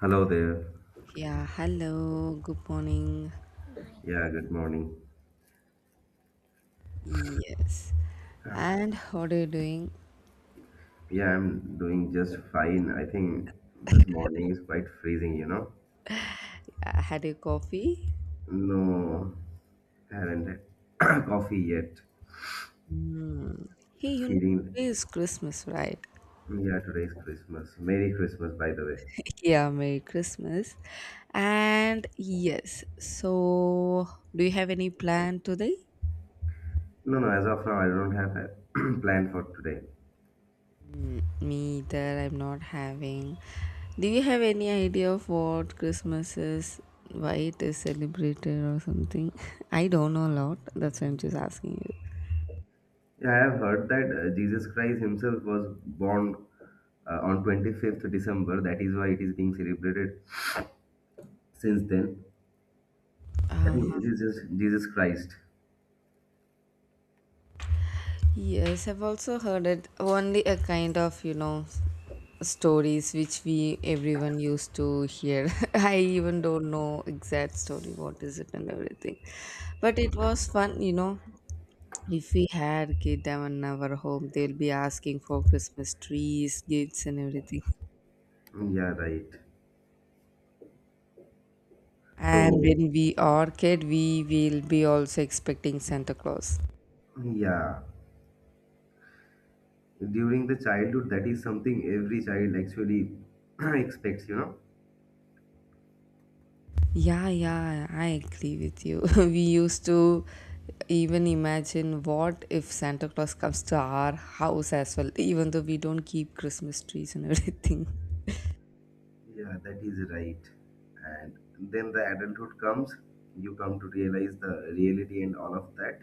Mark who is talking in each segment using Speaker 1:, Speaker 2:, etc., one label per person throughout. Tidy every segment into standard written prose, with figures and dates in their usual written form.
Speaker 1: Hello there.
Speaker 2: Yeah, hello, good morning.
Speaker 1: Yeah, good morning.
Speaker 2: Yes.
Speaker 1: Yeah.
Speaker 2: And how are you doing?
Speaker 1: Yeah, I'm doing just fine. I think this morning is quite freezing, you know?
Speaker 2: Had a coffee?
Speaker 1: No, haven't had coffee yet.
Speaker 2: Hmm. Hey, you know,
Speaker 1: Feeling,
Speaker 2: today is Christmas, right?
Speaker 1: yeah, today's Christmas. Merry Christmas, by the way.
Speaker 2: Yeah, Merry Christmas. And yes, so do you have any plan today?
Speaker 1: No, no, as of now, I don't have a plan for today.
Speaker 2: Mm, me either, I'm not having. Do you have any idea of what Christmas is? Why it is celebrated or something? I don't know a lot. That's why I'm just asking you.
Speaker 1: Yeah, I have heard that Jesus Christ himself was born on 25th December. That is why it is being celebrated since then. I
Speaker 2: Uh,
Speaker 1: think it is just Jesus Christ.
Speaker 2: Yes, I've also heard it. Only a kind of, you know, stories which we everyone used to hear. I even don't know exact story what is it and everything. But it was fun, you know. If we had kid them in our home, they'll be asking for Christmas trees, gifts and everything.
Speaker 1: Yeah, right.
Speaker 2: And
Speaker 1: So,
Speaker 2: when we are kid, we will be also expecting Santa Claus.
Speaker 1: yeah, during the childhood, that is something every child actually expects, you know?
Speaker 2: Yeah, yeah, I agree with you. We used to even imagine what if Santa Claus comes to our house as well, even though we don't keep Christmas trees and everything.
Speaker 1: Yeah, that is right. And then the adulthood comes, you come to realize the reality and all of that.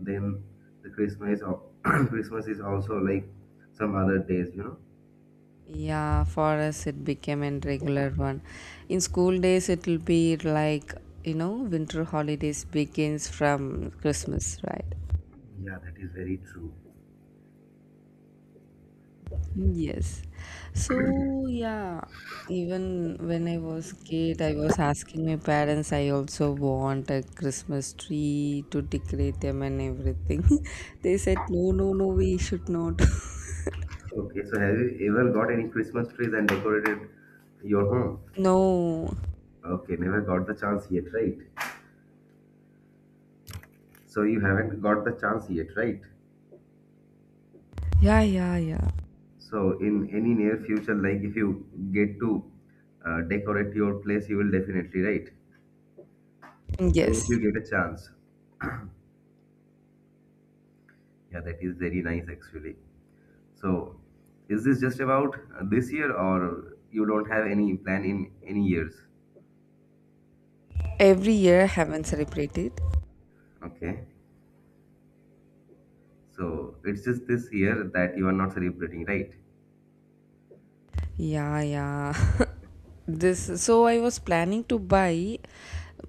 Speaker 1: Then the Christmas or Christmas is also like some other days, you know?
Speaker 2: Yeah, for us it became a regular one. In school days, it'll be like, you know, winter holidays begins from Christmas, right?
Speaker 1: Yeah, that is very true.
Speaker 2: Yes. So, yeah, even when I was kid, I was asking my parents, I also want a Christmas tree to decorate them and everything. They said, no, no, no, we should not.
Speaker 1: Okay, so have you ever got any Christmas trees and decorated your home?
Speaker 2: No.
Speaker 1: Okay, never got the chance yet, right? So you haven't got the chance yet, right?
Speaker 2: Yeah, yeah, yeah.
Speaker 1: So in any near future, like if you get to decorate your place, you will definitely, right? I mean,
Speaker 2: Yes.
Speaker 1: if you get a chance. Yeah, that is very nice actually. So is this just about this year, or you don't have any plan in any years?
Speaker 2: Every year I haven't celebrated.
Speaker 1: Okay. So it's just this year that you are not celebrating, right?
Speaker 2: Yeah, yeah. This so I was planning to buy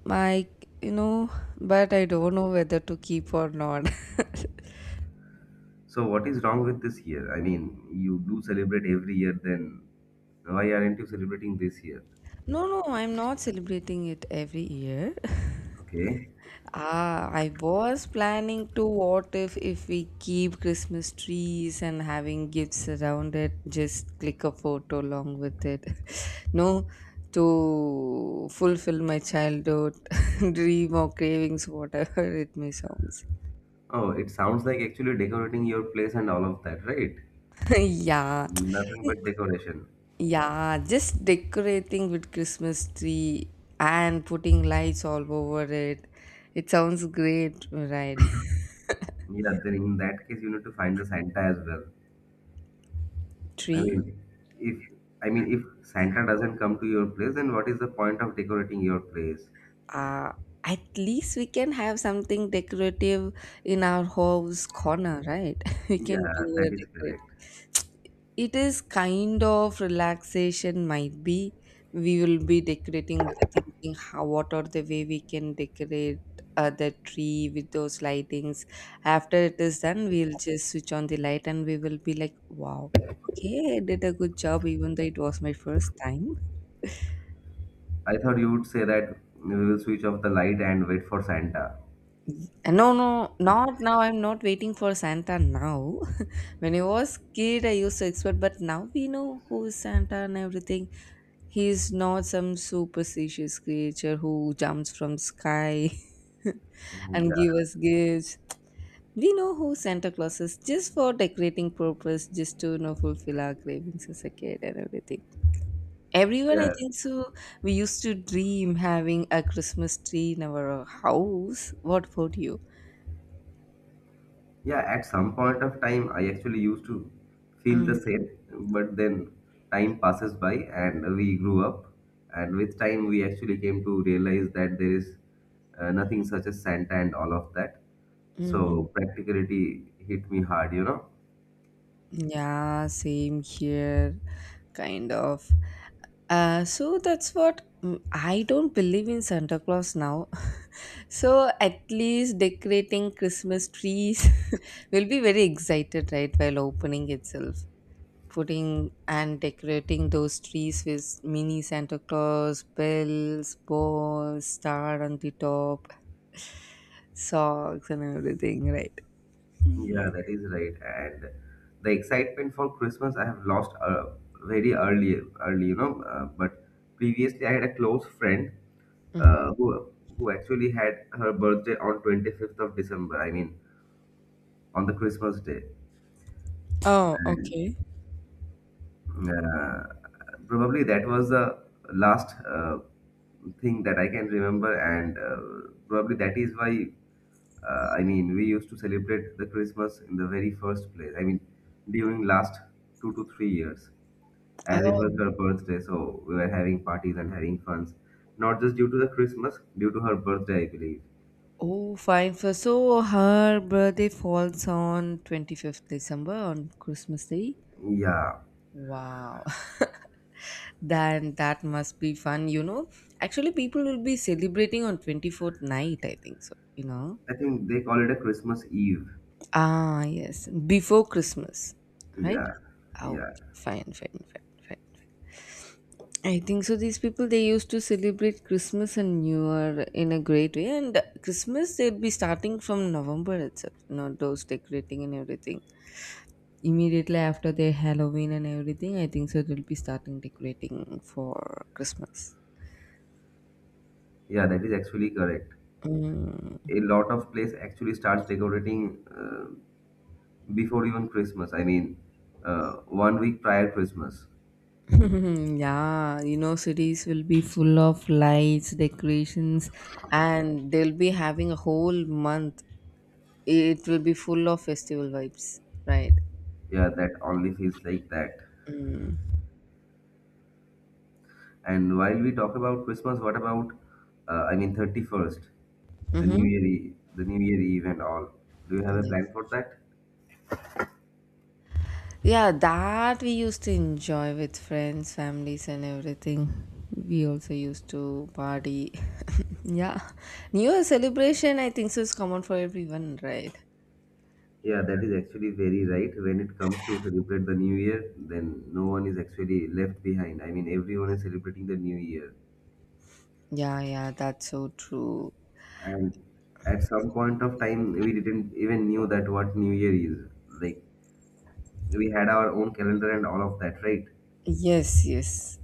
Speaker 2: my, you know, but I don't know whether to keep or not.
Speaker 1: So what is wrong with this year? I mean, you do celebrate every year, then why aren't you celebrating this year?
Speaker 2: No, no, I'm not celebrating it every year.
Speaker 1: Okay.
Speaker 2: Ah, I was planning to what if we keep Christmas trees and having gifts around it, just click a photo along with it. No, to fulfill my childhood dream or cravings, whatever it may sounds.
Speaker 1: Oh, it sounds like actually decorating your place and all of that, right?
Speaker 2: Yeah.
Speaker 1: Nothing but decoration.
Speaker 2: Yeah, just decorating with Christmas tree and putting lights all over it. It sounds great, right?
Speaker 1: Yeah, then in that case you need to find the Santa as well. I
Speaker 2: tree
Speaker 1: mean, if I mean if Santa doesn't come to your place, then what is the point of decorating your place?
Speaker 2: uh, at least we can have something decorative in our house corner, right? We
Speaker 1: Yeah,
Speaker 2: can do
Speaker 1: that
Speaker 2: a
Speaker 1: is
Speaker 2: decorate.
Speaker 1: correct.
Speaker 2: It is kind of relaxation. Might be we will be decorating, be thinking how, what are the way we can decorate the tree with those lightings. After it is done we'll just switch on the light and we will be like, wow, okay, I did a good job even though it was my first time.
Speaker 1: I thought you would say that we will switch off the light and wait for Santa.
Speaker 2: No, no, not now. I'm not waiting for Santa now. When I was kid, I used to expect, but now we know who is Santa and everything. He is not some superstitious creature who jumps from sky and
Speaker 1: Yeah,
Speaker 2: give us gifts. We know who Santa Claus is, just for decorating purpose, just to, you know, fulfill our cravings as a kid and everything. Everyone, I
Speaker 1: yeah.
Speaker 2: think so. We used to dream having a Christmas tree in our house. What about you?
Speaker 1: Yeah, at some point of time, I actually used to feel the
Speaker 2: Mm,
Speaker 1: same, but then time passes by and we grew up. And with time, we actually came to realize that there is nothing such as Santa and all of that. So
Speaker 2: mm-hmm.
Speaker 1: practicality hit me hard, you know?
Speaker 2: Yeah, same here, kind of. So that's what, I don't believe in Santa Claus now. So at least decorating Christmas trees will be very excited, right? While opening itself, putting and decorating those trees with mini Santa Claus bells, balls, star on the top, socks, and everything, right?
Speaker 1: Yeah,
Speaker 2: Mm.
Speaker 1: that is right. And the excitement for Christmas I have lost very early, early, you know. But previously, I had a close friend
Speaker 2: Mhm.
Speaker 1: uh, who who actually had her birthday on 25th of December. I mean, on the Christmas day.
Speaker 2: Oh,
Speaker 1: And,
Speaker 2: okay.
Speaker 1: uh, probably that was the last thing that I can remember, and probably that is why. We used to celebrate the Christmas in the very first place. I mean, during last 2 to 3 years, as it was her birthday, so we were having parties and having funs, not just due to the Christmas, due to her birthday, I believe.
Speaker 2: Oh, fine. For so her birthday falls on 25th December on Christmas Day.
Speaker 1: Yeah.
Speaker 2: Wow. Then that must be fun, you know. Actually, people will be celebrating on 24th night, I think so, you know.
Speaker 1: I think they call it a Christmas Eve.
Speaker 2: Ah, yes. Before Christmas, right?
Speaker 1: Yeah,
Speaker 2: Oh,
Speaker 1: yeah,
Speaker 2: fine, fine, fine, fine. I think so. These people they used to celebrate Christmas and New Year in a great way, and Christmas they'd be starting from November itself. You know, those decorating and everything. Immediately after their Halloween and everything, I think so they'll be starting decorating for Christmas.
Speaker 1: yeah. That is actually correct.
Speaker 2: Mm.
Speaker 1: A lot of place actually starts decorating before even Christmas. Uh, 1 week prior Christmas.
Speaker 2: Yeah, you know, cities will be full of lights, decorations, and they'll be having a whole month. It will be full of festival vibes, right?
Speaker 1: Yeah, that only feels like that.
Speaker 2: Mm.
Speaker 1: And while we talk about Christmas, what about I mean 31st, the New
Speaker 2: Mm-hmm.
Speaker 1: Year, the New Year Eve and all? Do you have a
Speaker 2: Yes.
Speaker 1: plan for that?
Speaker 2: Yeah, that we used to enjoy with friends, families, and everything. We also used to party. yeah. New Year celebration, I think so, is common for everyone, right?
Speaker 1: Yeah, that is actually very right. When it comes to celebrate the new year, then no one is actually left behind. I mean, everyone is celebrating the new year.
Speaker 2: Yeah, yeah, that's so true.
Speaker 1: And at some point of time, we didn't even knew that what new year is. Like, we had our own calendar and all of that, right?
Speaker 2: Yes, yes.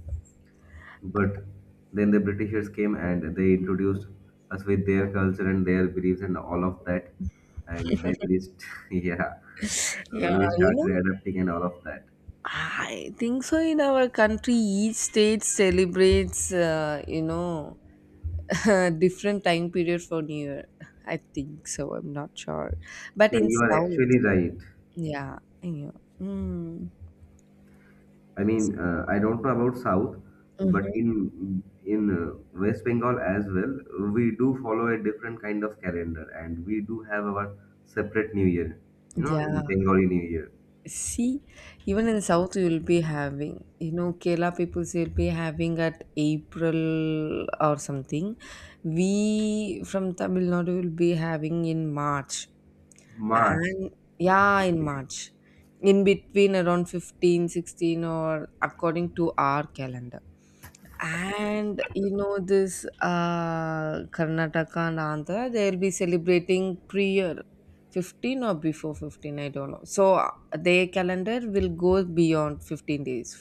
Speaker 1: But then the Britishers came and they introduced us with their culture and their beliefs and all of that. And then yeah,
Speaker 2: Yeah,
Speaker 1: we
Speaker 2: you
Speaker 1: started
Speaker 2: know,
Speaker 1: adapting and all of that.
Speaker 2: I think so, in our country, each state celebrates, you know, different time period for New Year. I think so. I'm not sure. But
Speaker 1: Yeah,
Speaker 2: in
Speaker 1: you are
Speaker 2: South,
Speaker 1: actually right.
Speaker 2: yeah, I know. Mm.
Speaker 1: I mean, I don't know about South, but in West Bengal as well, we do follow a different kind of calendar, and we do have our separate New Year. You know, in
Speaker 2: Yeah,
Speaker 1: Bengali New Year,
Speaker 2: see, even in South, you will be having, you know, Kerala people will be having at April or something. We from Tamil Nadu will be having in March.
Speaker 1: March.
Speaker 2: And yeah, in
Speaker 1: Okay.
Speaker 2: March, in between around 15, 16, or according to our calendar. And, you know, this Karnataka and Andhra, they'll be celebrating pre year, 15 or before 15, I don't know, so their calendar will go beyond 15 days.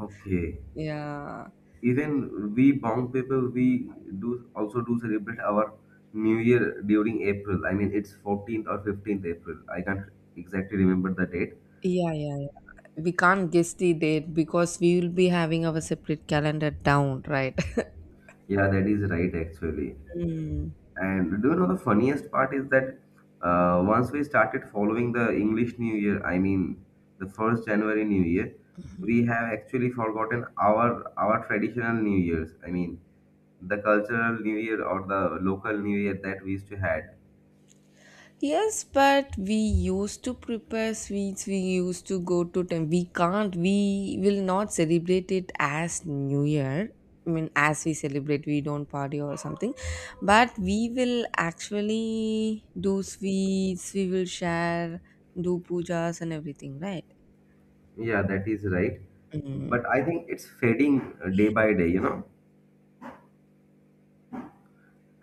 Speaker 1: Okay.
Speaker 2: Yeah,
Speaker 1: Even we bound people, we do also do celebrate our New Year during April. I mean, it's 14th or 15th April. I can't exactly remember the date.
Speaker 2: yeah, yeah, yeah. We can't guess the date because we will be having our separate calendar down, right.
Speaker 1: Yeah, that is right actually.
Speaker 2: Mm.
Speaker 1: And do you know the funniest part is that once we started following the English New Year, I mean the first January New Year, we have actually forgotten our traditional New Years. I mean the cultural New Year or the local New Year that we used to had.
Speaker 2: Yes, but we used to prepare sweets. We used to go to temple. We can't. We will not celebrate it as New Year. I mean, as we celebrate, we don't party or something. But we will actually do sweets. We will share, do pujas and everything, right?
Speaker 1: Yeah, that is right.
Speaker 2: Mm,
Speaker 1: But I think it's fading day by day. You know,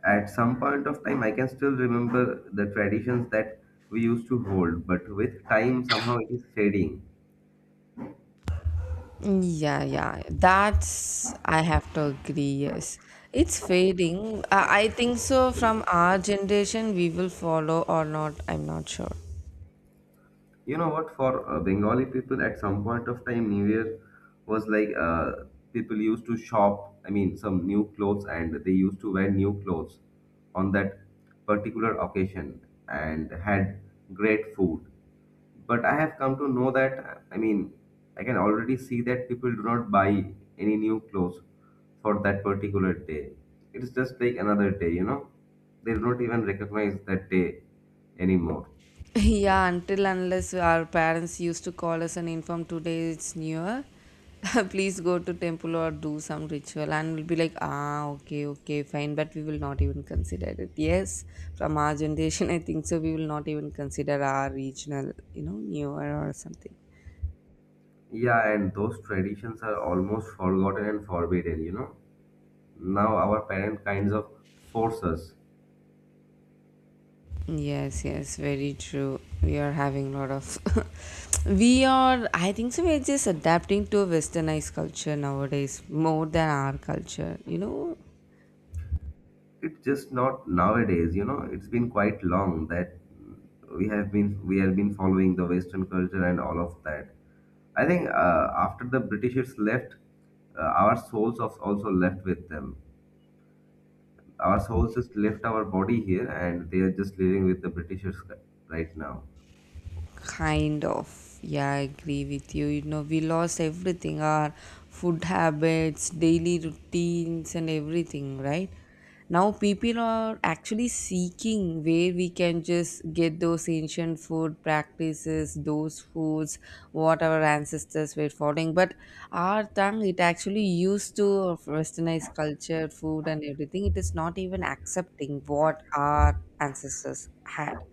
Speaker 1: at some point of time, I can still remember the traditions that we used to hold, but with time, somehow it is fading.
Speaker 2: yeah, yeah. That's, I have to agree, yes. It's fading. I think so, from our generation, we will follow or not. I'm not sure.
Speaker 1: You know what? For Bengali people, at some point of time, New Year was like people used to shop. I mean, some new clothes, and they used to wear new clothes on that particular occasion, and had great food. But I have come to know that I mean, I can already see that people do not buy any new clothes for that particular day. It's just like another day, you know. They do not even recognize that day anymore.
Speaker 2: Yeah, until unless our parents used to call us and inform today it's newer, please go to temple or do some ritual, and we'll be like, ah, okay, okay, fine, but we will not even consider it. Yes, from our generation, I think so, we will not even consider our regional, you know, newer or something.
Speaker 1: Yeah, and those traditions are almost forgotten and forbidden, you know. Now our parent kinds of force us.
Speaker 2: Yes, yes, very true. We are having a lot of. We are, I think so, we're just adapting to a westernized culture nowadays more than our culture, you know.
Speaker 1: It's just not nowadays, you know. It's been quite long that we have been following the Western culture and all of that. I think after the Britishers left, our souls of also left with them. Our souls just left our body here, and they are just living with the Britishers right now.
Speaker 2: Kind of. Yeah, I agree with you. You know, we lost everything, our food habits, daily routines, and everything, right? Now, people are actually seeking where we can just get those ancient food practices, those foods, what our ancestors were following. But our tongue, it actually used to westernized culture, food, and everything. It is not even accepting what our ancestors had.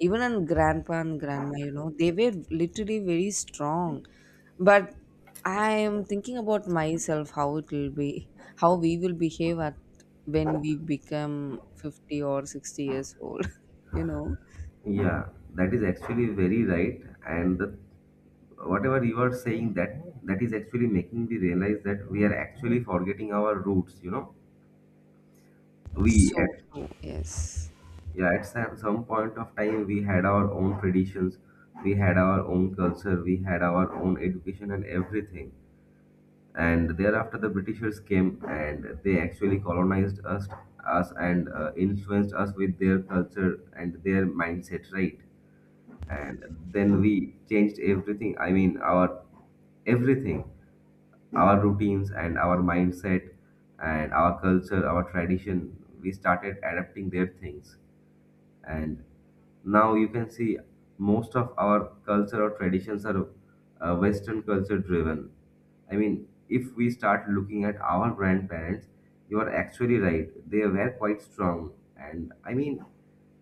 Speaker 2: Even on grandpa and grandma, you know, they were literally very strong. But I am thinking about myself, how it will be, how we will behave at when we become 50 or 60 years old, you know.
Speaker 1: Yeah, that is actually very right. And the whatever you are saying, that that is actually making me realize that we are actually forgetting our roots, you know. we
Speaker 2: So
Speaker 1: at
Speaker 2: true, yes.
Speaker 1: yeah at some point of time we had our own traditions, we had our own culture, we had our own education and everything. And thereafter the Britishers came and they actually colonized us and influenced us with their culture and their mindset, right? And then we changed everything. I mean, our everything, our routines and our mindset and our culture, our tradition. We started adapting their things, and now you can see most of our culture or traditions are western culture driven. I mean, if we start looking at our grandparents, you are actually right, they were quite strong. And I mean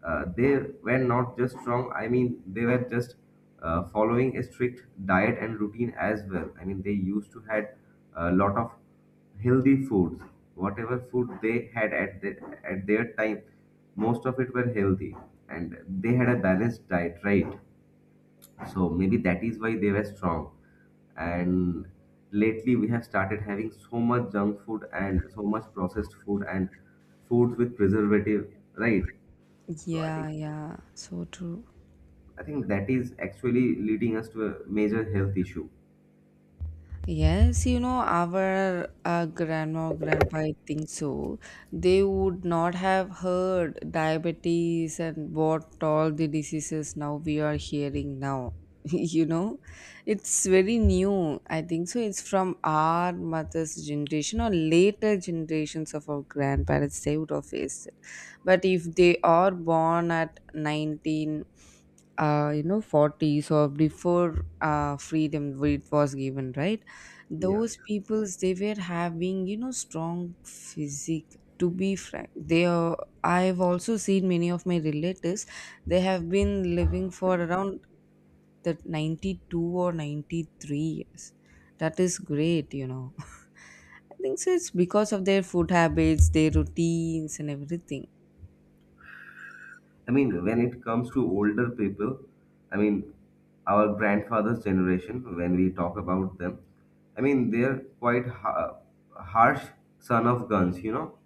Speaker 1: they were not just strong. I mean, they were just following a strict diet and routine as well. I mean, they used to had a lot of healthy foods. Whatever food they had at at their time, most of it were healthy, and they had a balanced diet, right? So maybe that is why they were strong. And lately, we have started having so much junk food and so much processed food and foods with preservative, right? So I think
Speaker 2: Yeah, yeah, so true.
Speaker 1: I think that is actually leading us to a major health issue.
Speaker 2: Yes, you know, our grandma, grandpa, I think so, they would not have heard diabetes and what all the diseases now we are hearing now. You know, it's very new. I think so, it's from our mother's generation or later generations of our grandparents. They would have faced it. But if they are born at 19, you know, 40s or before freedom it was given, right?
Speaker 1: Yeah.
Speaker 2: Those peoples, they were having, you know, strong physique, to be frank they are. I've also seen many of my relatives. They have been living for around that 92 or 93 years. That is great, you know. I think so it's because of their food habits, their routines and everything.
Speaker 1: I mean, when it comes to older people, I mean, our grandfather's generation, when we talk about them, I mean, they're quite harsh son of guns, you know.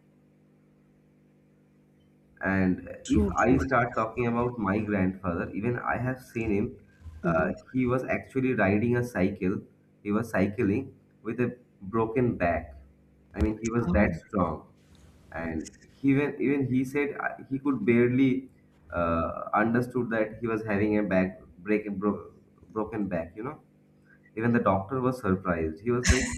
Speaker 1: And if
Speaker 2: True,
Speaker 1: I
Speaker 2: true.
Speaker 1: start talking about my grandfather, even I have seen him.
Speaker 2: Mhm.
Speaker 1: He was actually riding a cycle. He was cycling with a broken back. I mean, he was
Speaker 2: Oh.
Speaker 1: that strong, and he even even he said he could barely understood that he was having a broken back. You know, even the doctor was surprised. He was like,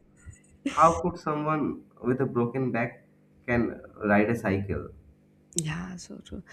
Speaker 1: "How could someone with a broken back can ride a cycle?"
Speaker 2: Yeah, so true.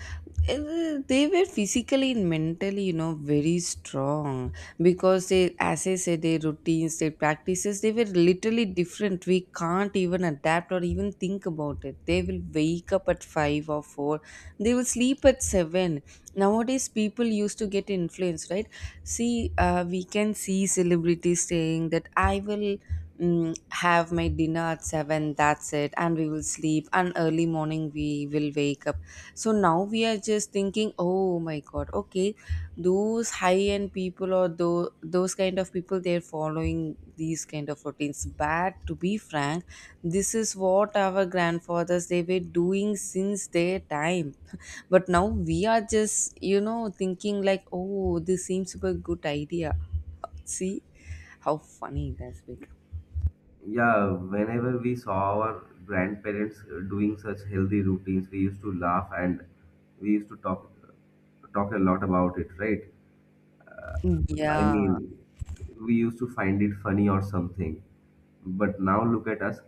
Speaker 2: They were physically and mentally, you know, very strong because they, as I said, their routines, their practices, they were literally different. We can't even adapt or even think about it. They will wake up at five or four, they will sleep at 7. Nowadays, people used to get influenced, right? See, we can see celebrities saying that I will, have my dinner at 7, that's it, and we will sleep and early morning we will wake up. So now we are just thinking, oh my god, okay, those high end people or those kind of people, they're following these kind of routines. But to be frank, this is what our grandfathers, they were doing since their time. But now we are just, you know, thinking like, oh, this seems super good idea. See how funny that's been.
Speaker 1: Yeah, whenever we saw our grandparents doing such healthy routines, we used to laugh, and we used to talk a lot about it, right? I
Speaker 2: Yeah,
Speaker 1: mean, we used to find it funny or something, but now look at us.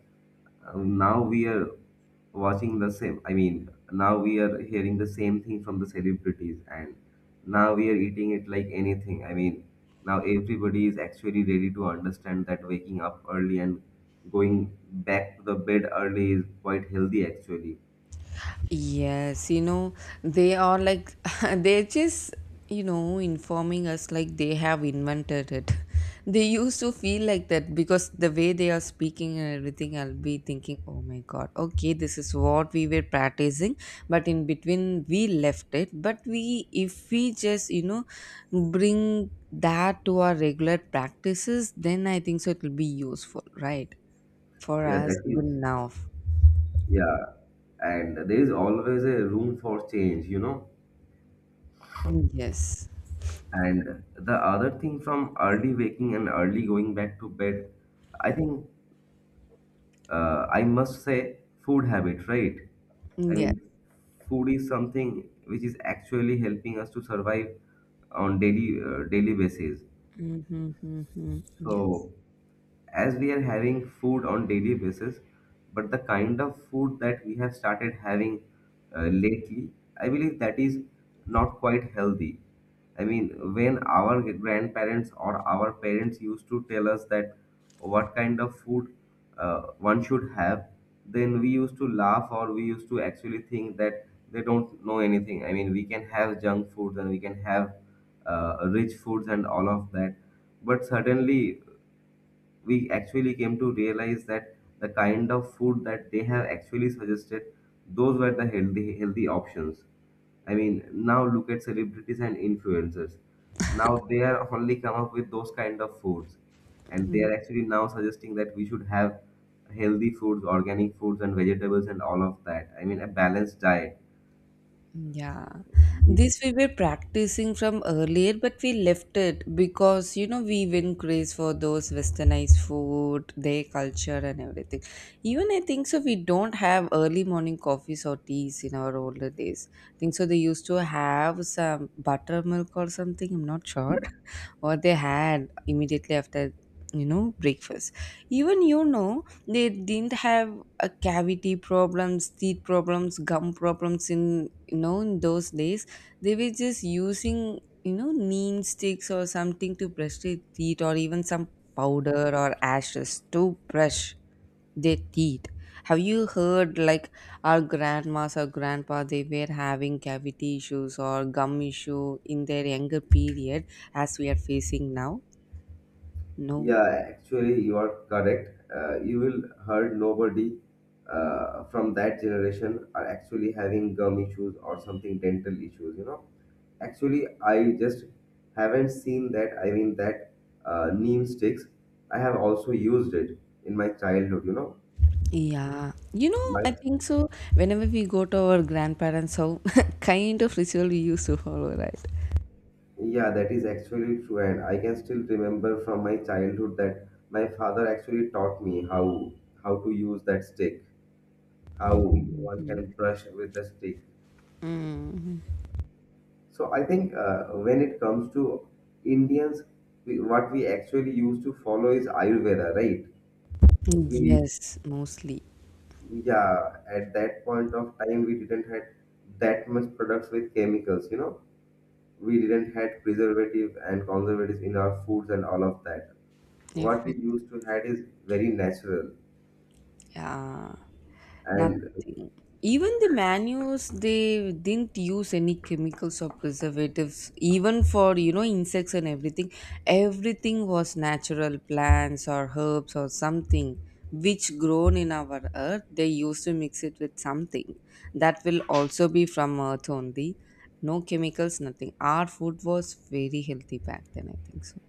Speaker 1: Now we are watching the same. I mean, now we are hearing the same thing from the celebrities, and now we are eating it like anything. I mean, now everybody is actually ready to understand that waking up early and going back to the bed early is quite healthy, actually.
Speaker 2: yes, you know, they are like, they're just, you know, informing us like they have invented it. They used to feel like that because the way they are speaking and everything, I'll be thinking, oh my God, okay, this is what we were practicing, but in between we left it. But we, if we just, you know, bring that to our regular practices, then I think so it will be useful, right? For
Speaker 1: Yeah,
Speaker 2: us,
Speaker 1: that
Speaker 2: even
Speaker 1: is,
Speaker 2: now.
Speaker 1: yeah. And there is always a room for change, you know.
Speaker 2: Yes.
Speaker 1: And the other thing from early waking and early going back to bed, I think I must say food habit, right? I
Speaker 2: Yes.
Speaker 1: mean, food is something which is actually helping us to survive on daily daily basis.
Speaker 2: Mm-hmm, hmm, yes.
Speaker 1: So as we are having food on daily basis, but the kind of food that we have started having lately, I believe that is not quite healthy. I mean, when our grandparents or our parents used to tell us that what kind of food one should have, then we used to laugh or we used to actually think that they don't know anything. I mean, we can have junk foods and we can have rich foods and all of that. But certainly, we actually came to realize that the kind of food that they have actually suggested, those were the healthy options. I mean, now look at celebrities and influencers. Now they are only come up with those kind of foods, and they
Speaker 2: Mm-hmm.
Speaker 1: are actually now suggesting that we should have healthy foods, organic foods, and vegetables, and all of that. I mean, a balanced diet.
Speaker 2: Yeah, this we were practicing from earlier, but we left it because you know we win craze for those westernized food, their culture, and everything. Even I think so, we don't have early morning coffees or teas in our older days. I think so. They used to have some buttermilk or something. I'm not sure what they had immediately after breakfast. Even they didn't have a cavity problems, teeth problems, gum problems in in those days they were just using neem sticks or something to brush their teeth or even some powder or ashes to brush their teeth. Have you heard like our grandmas or grandpa they were having cavity issues or gum issue in their younger period as we are facing now? No.
Speaker 1: Yeah, actually, you are correct. You will heard nobody from that generation are actually having gum issues or something dental issues. You know, actually, I just haven't seen that. I mean, that neem sticks. I have also used it in my childhood. You know,
Speaker 2: Yeah,
Speaker 1: my
Speaker 2: I think so. Whenever we go to our grandparents house, kind of ritual we used to follow, right?
Speaker 1: yeah, that is actually true, and I can still remember from my childhood that my father actually taught me how to use that stick, how
Speaker 2: Mhm,
Speaker 1: one
Speaker 2: mhm.
Speaker 1: can brush with the stick.
Speaker 2: Mm.
Speaker 1: So I think when it comes to Indians, we, what we actually used to follow is Ayurveda, right? We,
Speaker 2: Yes, mostly.
Speaker 1: yeah, at that point of time we didn't had that much products with chemicals, you know. We didn't had preservative and conservatives in our foods and all of that.
Speaker 2: If
Speaker 1: What we
Speaker 2: it,
Speaker 1: used to had is very natural.
Speaker 2: yeah,
Speaker 1: And
Speaker 2: nothing. Even the menus, they didn't use any chemicals or preservatives, even for, insects and everything. Everything was natural plants or herbs or something which grown in our earth. They used to mix it with something that will also be from earth only. No chemicals, nothing. Our food was very healthy back then, I think so.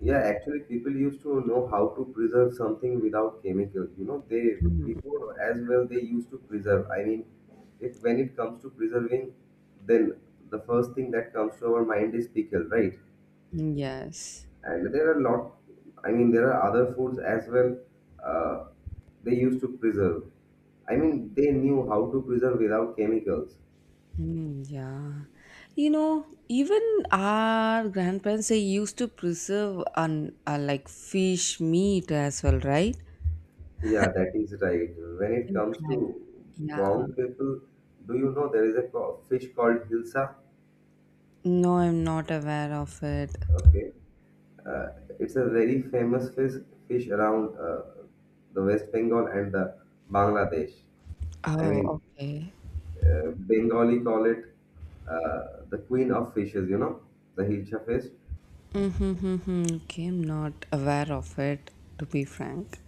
Speaker 1: yeah, actually, people used to know how to preserve something without chemicals. You know, they
Speaker 2: Mm.
Speaker 1: before as well they used to preserve. I mean, if when it comes to preserving, then the first thing that comes to our mind is pickle, right?
Speaker 2: Yes.
Speaker 1: And there are lot. I mean, there are other foods as well. Uh, they used to preserve. I mean, they knew how to preserve without chemicals.
Speaker 2: Mm, yeah. Even our grandparents they used to preserve on like fish meat as well, right?
Speaker 1: Yeah, that is right. When it
Speaker 2: And
Speaker 1: comes
Speaker 2: fry.
Speaker 1: to
Speaker 2: Yeah.
Speaker 1: Bong people, do you know there is a fish called hilsa?
Speaker 2: No, I'm not aware of it.
Speaker 1: Okay. Uh, it's a very famous fish around the West Bengal and the Bangladesh. I
Speaker 2: Oh,
Speaker 1: mean,
Speaker 2: okay.
Speaker 1: Bengali call it the queen of fishes, you know, the hilcha fish.
Speaker 2: Mm-hmm, okay, I'm not aware of it, to be frank.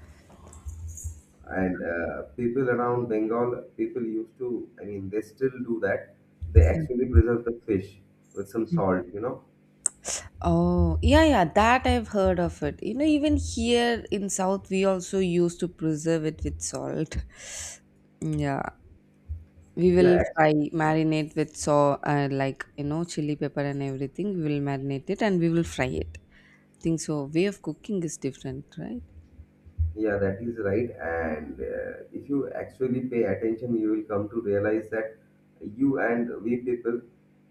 Speaker 1: And people around Bengal, people used to, I mean, they still do that. They actually preserve the fish with some
Speaker 2: Mhm.
Speaker 1: salt, you know.
Speaker 2: Oh, yeah, yeah, that I've heard of it. Even here in South, we also used to preserve it with salt. Yeah. We will
Speaker 1: Yeah,
Speaker 2: fry, marinate with so like, chili pepper and everything. We will marinate it and we will fry it. Think so. Way of cooking is different, right?
Speaker 1: yeah, that is right. And if you actually pay attention, you will come to realize that you and we people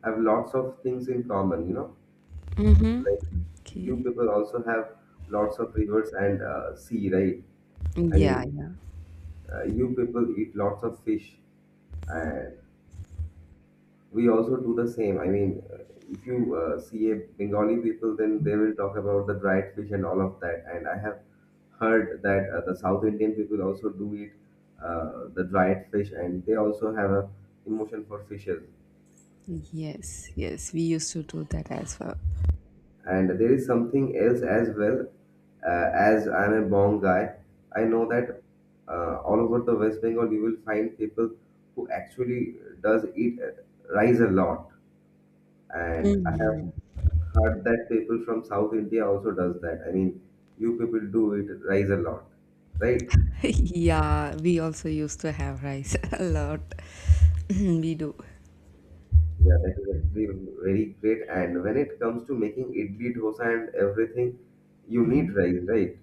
Speaker 1: have lots of things in common, you know,
Speaker 2: Mm-hmm.
Speaker 1: like you
Speaker 2: Okay.
Speaker 1: people also have lots of rivers and sea, right? I
Speaker 2: Yeah,
Speaker 1: mean,
Speaker 2: yeah.
Speaker 1: you people eat lots of fish, and we also do the same. I mean, if you see a Bengali people, then they will talk about the dried fish and all of that. And I have heard that the South Indian people also do eat the dried fish, and they also have a emotion for fishes.
Speaker 2: Yes, yes. We used to do that as well.
Speaker 1: And there is something else as well. As I'm a Bong guy, I know that all over the West Bengal you will find people who actually does eat rice a lot. And I
Speaker 2: Hmm.
Speaker 1: have heard that people from South India also does that. I mean, you people do it rise a lot, right?
Speaker 2: Yeah, we also used to have rice a lot. We do.
Speaker 1: Yeah, that is actually very great. And when it comes to making idli, dosa, and everything, you need rice, right?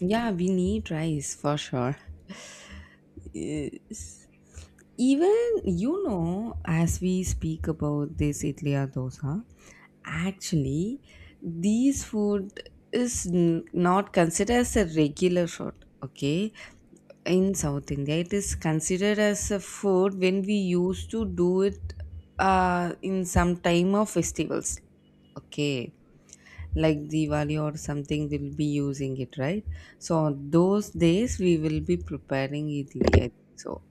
Speaker 2: Yeah, we need rice for sure. Yes. Even, as we speak about this idliya dosa, actually, these food not considered as a regular food. Okay, in South India, it is considered as a food when we used to do it in some time of festivals. Okay, like Diwali or something, we'll be using it, right? So on those days, we will be preparing idli. I think so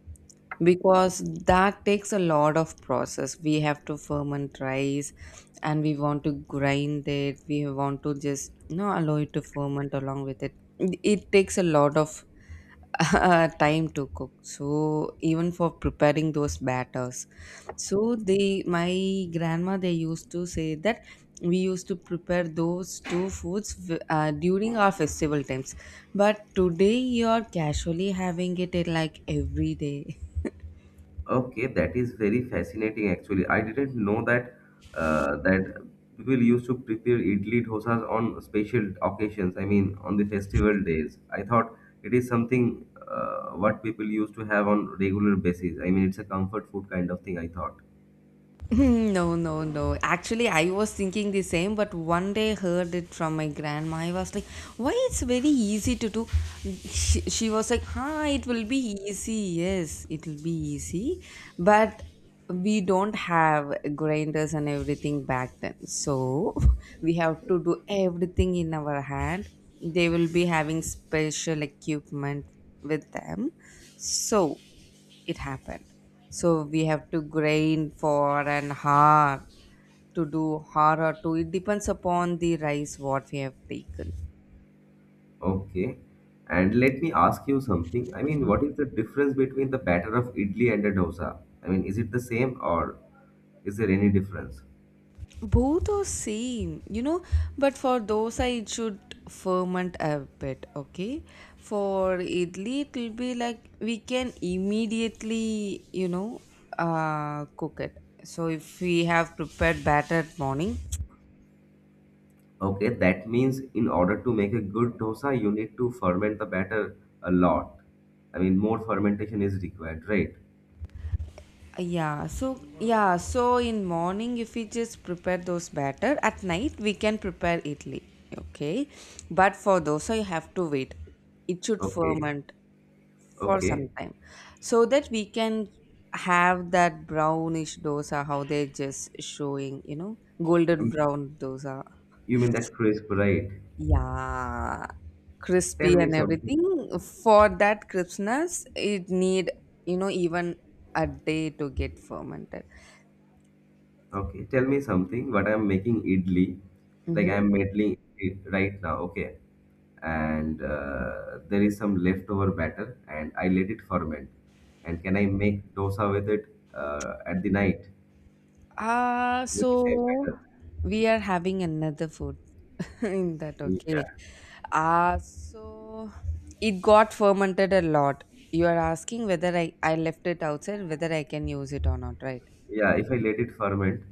Speaker 2: because that takes a lot of process. We have to ferment rice and we want to grind it, we want to just allow it to ferment. Along with it takes a lot of time to cook. So even for preparing those batters, so they, my grandma, they used to say that we used to prepare those two foods during our festival times, but today you're casually having it in like every day.
Speaker 1: Okay, that is very fascinating. Actually, I didn't know that that people used to prepare idli dosas on special occasions. I mean, on the festival days. I thought it is something what people used to have on regular basis. I mean, it's a comfort food kind of thing, I thought.
Speaker 2: No, no, no. Actually, I was thinking the same, but one day heard it from my grandma. I was like, "Why it's very easy to do?" She was like, "Huh, it will be easy. Yes, it will be easy, but we don't have grinders and everything back then, so we have to do everything in our hand. They will be having special equipment with them, so." It happened, so we have to grind for an hour, to do hour or two. It depends upon the rice what we have taken.
Speaker 1: Okay. And let me ask you something. I mean,
Speaker 2: Hmm.
Speaker 1: what is the difference between the batter of idli and a dosa? I mean, is it the same or is there any difference?
Speaker 2: Both are same, but for dosa it should ferment a bit, okay? For idli it will be like we can immediately, uh, cook it. So if we have prepared batter morning,
Speaker 1: Okay, that means in order to make a good dosa, you need to ferment the batter a lot. I mean, more fermentation is required, right?
Speaker 2: yeah. So yeah, so in morning if we just prepare those batter, at night we can prepare idli. Okay, but for dosa you have to wait, it should
Speaker 1: Okay,
Speaker 2: ferment for some
Speaker 1: okay.
Speaker 2: time, so that we can have that brownish dosa, how they just showing, golden
Speaker 1: Um,
Speaker 2: brown dosa.
Speaker 1: you mean that crisp, right?
Speaker 2: Yeah, crispy
Speaker 1: Tell me
Speaker 2: and everything.
Speaker 1: something.
Speaker 2: For that crispness it need, even a day to get fermented.
Speaker 1: Okay, tell me something. What I'm making idli, like
Speaker 2: Mm-hmm.
Speaker 1: I'm making it right now. Okay, and there is some leftover batter and I let it ferment. And can I make dosa with it at the night
Speaker 2: Uh,
Speaker 1: with the same
Speaker 2: so
Speaker 1: batter?
Speaker 2: we are having another food in that, okay.
Speaker 1: Yeah,
Speaker 2: So it got fermented a lot. You are asking whether I left it outside, whether I can use it or not, right?
Speaker 1: yeah, if I let it ferment.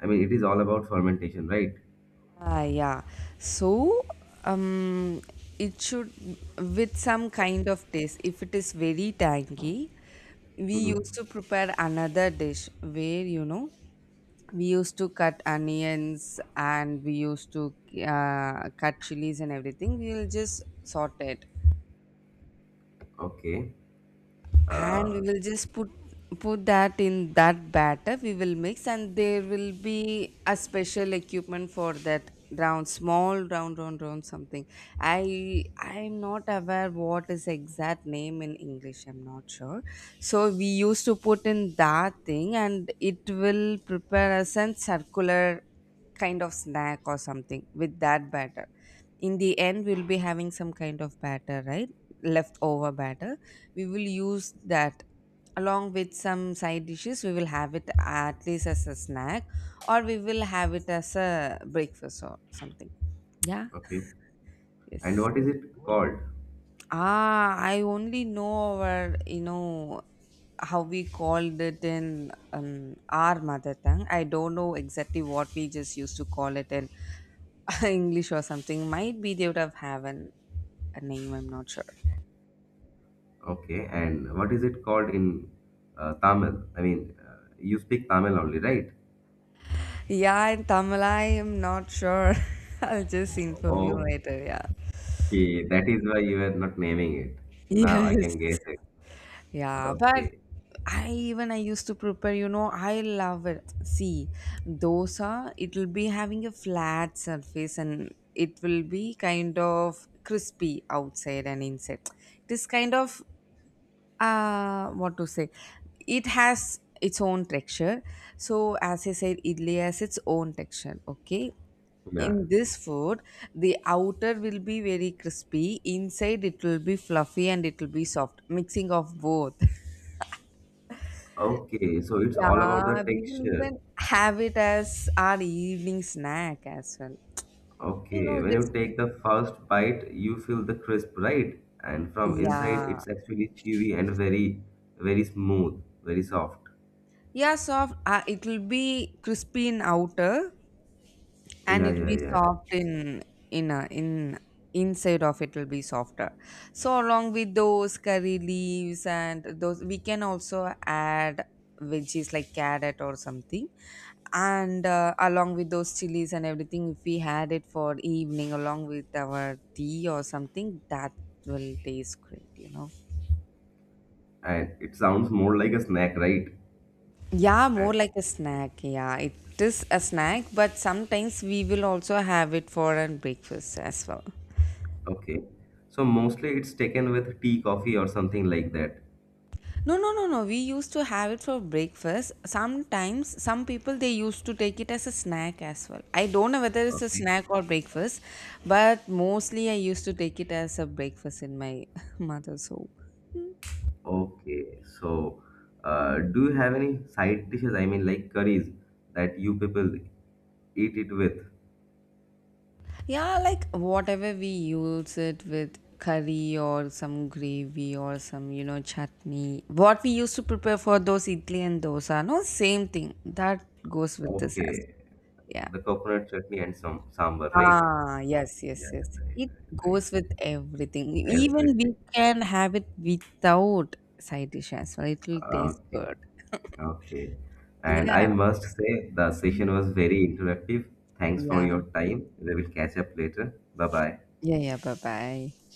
Speaker 1: I mean, it is all about fermentation, right?
Speaker 2: Ah, yeah. So, um, it should with some kind of taste. If it is very tangy, we
Speaker 1: Mm-hmm.
Speaker 2: used to prepare another dish where we used to cut onions and we used to cut chilies and everything, we'll just sort it.
Speaker 1: Okay.
Speaker 2: And we
Speaker 1: Uh,
Speaker 2: will just put that in that batter, we will mix, and there will be a special equipment for that, round, small round, round something. I'm not aware what is exact name in English, I'm not sure. So we used to put in that thing and it will prepare us a circular kind of snack or something with that batter. In the end we'll be having some kind of batter, right? Leftover batter, we will use that along with some side dishes. We will have it at least as a snack, or we will have it as a breakfast or something. Yeah.
Speaker 1: okay. And
Speaker 2: Yes.
Speaker 1: what is it called?
Speaker 2: Ah, I only know our, how we called it in our mother tongue. I don't know exactly what we just used to call it in English or something. Might be they would have an, a name, I'm not sure.
Speaker 1: Okay. And what is it called in Tamil? I mean, you speak Tamil only, right?
Speaker 2: Yeah, in Tamil, I am not sure. I'll just inform you later, yeah.
Speaker 1: Okay, that is why you are not naming it. Now I
Speaker 2: Yes.
Speaker 1: can guess it.
Speaker 2: Yeah, but
Speaker 1: Okay.
Speaker 2: I, even I used to prepare, I love it. See, dosa, it'll be having a flat surface and it will be kind of crispy outside and inside. It is kind of, uh, what to say. It has its own texture. So as I said, idli has its own texture, okay?
Speaker 1: Yeah.
Speaker 2: In this food the outer will be very crispy, inside it will be fluffy, and it will be soft, mixing of both.
Speaker 1: Okay, so it's all about the
Speaker 2: Yeah, we will
Speaker 1: texture.
Speaker 2: even have it as our evening snack as well. You know,
Speaker 1: Okay, when you
Speaker 2: just
Speaker 1: take the first bite, you feel the crisp, right? And from inside,
Speaker 2: yeah,
Speaker 1: it's actually chewy and very, very smooth, very soft.
Speaker 2: yeah, soft. It will be crispy in outer, and
Speaker 1: Yeah,
Speaker 2: it'll
Speaker 1: yeah,
Speaker 2: be
Speaker 1: yeah.
Speaker 2: soft in a, in inside of it will be softer. So along with those curry leaves and those, we can also add veggies like carrot or something, and along with those chilies and everything, if we had it for evening along with our tea or something, that will taste great, you know.
Speaker 1: And it sounds more like a snack, right?
Speaker 2: Yeah, more
Speaker 1: And
Speaker 2: like a snack. Yeah, it is a snack, but sometimes we will also have it for a breakfast as well.
Speaker 1: okay, so mostly it's taken with tea, coffee, or something like that.
Speaker 2: No, no, no, no. We used to have it for breakfast. Sometimes some people they used to take it as a snack as well. I don't know whether it's a
Speaker 1: Okay,
Speaker 2: snack or breakfast, but mostly I used to take it as a breakfast in my mother's home.
Speaker 1: okay. So, do you have any side dishes? I mean, like curries that you people eat it with?
Speaker 2: Yeah, like whatever we use it with curry or some gravy or some chutney. What we used to prepare for those idli and dosa, no same thing. That goes with this as
Speaker 1: Okay,
Speaker 2: well. Yeah.
Speaker 1: the coconut chutney and some sambar, right?
Speaker 2: Ah, yes,
Speaker 1: Yeah,
Speaker 2: yes, yes.
Speaker 1: right,
Speaker 2: It
Speaker 1: right, right.
Speaker 2: goes with everything. E, even we
Speaker 1: Everything.
Speaker 2: can have it without side dish as well. It will taste
Speaker 1: Okay,
Speaker 2: good.
Speaker 1: okay. And I
Speaker 2: Yeah,
Speaker 1: must say the session was very interactive. Thanks for
Speaker 2: yeah,
Speaker 1: your time. We will catch up later. Bye bye.
Speaker 2: yeah, yeah. Bye bye.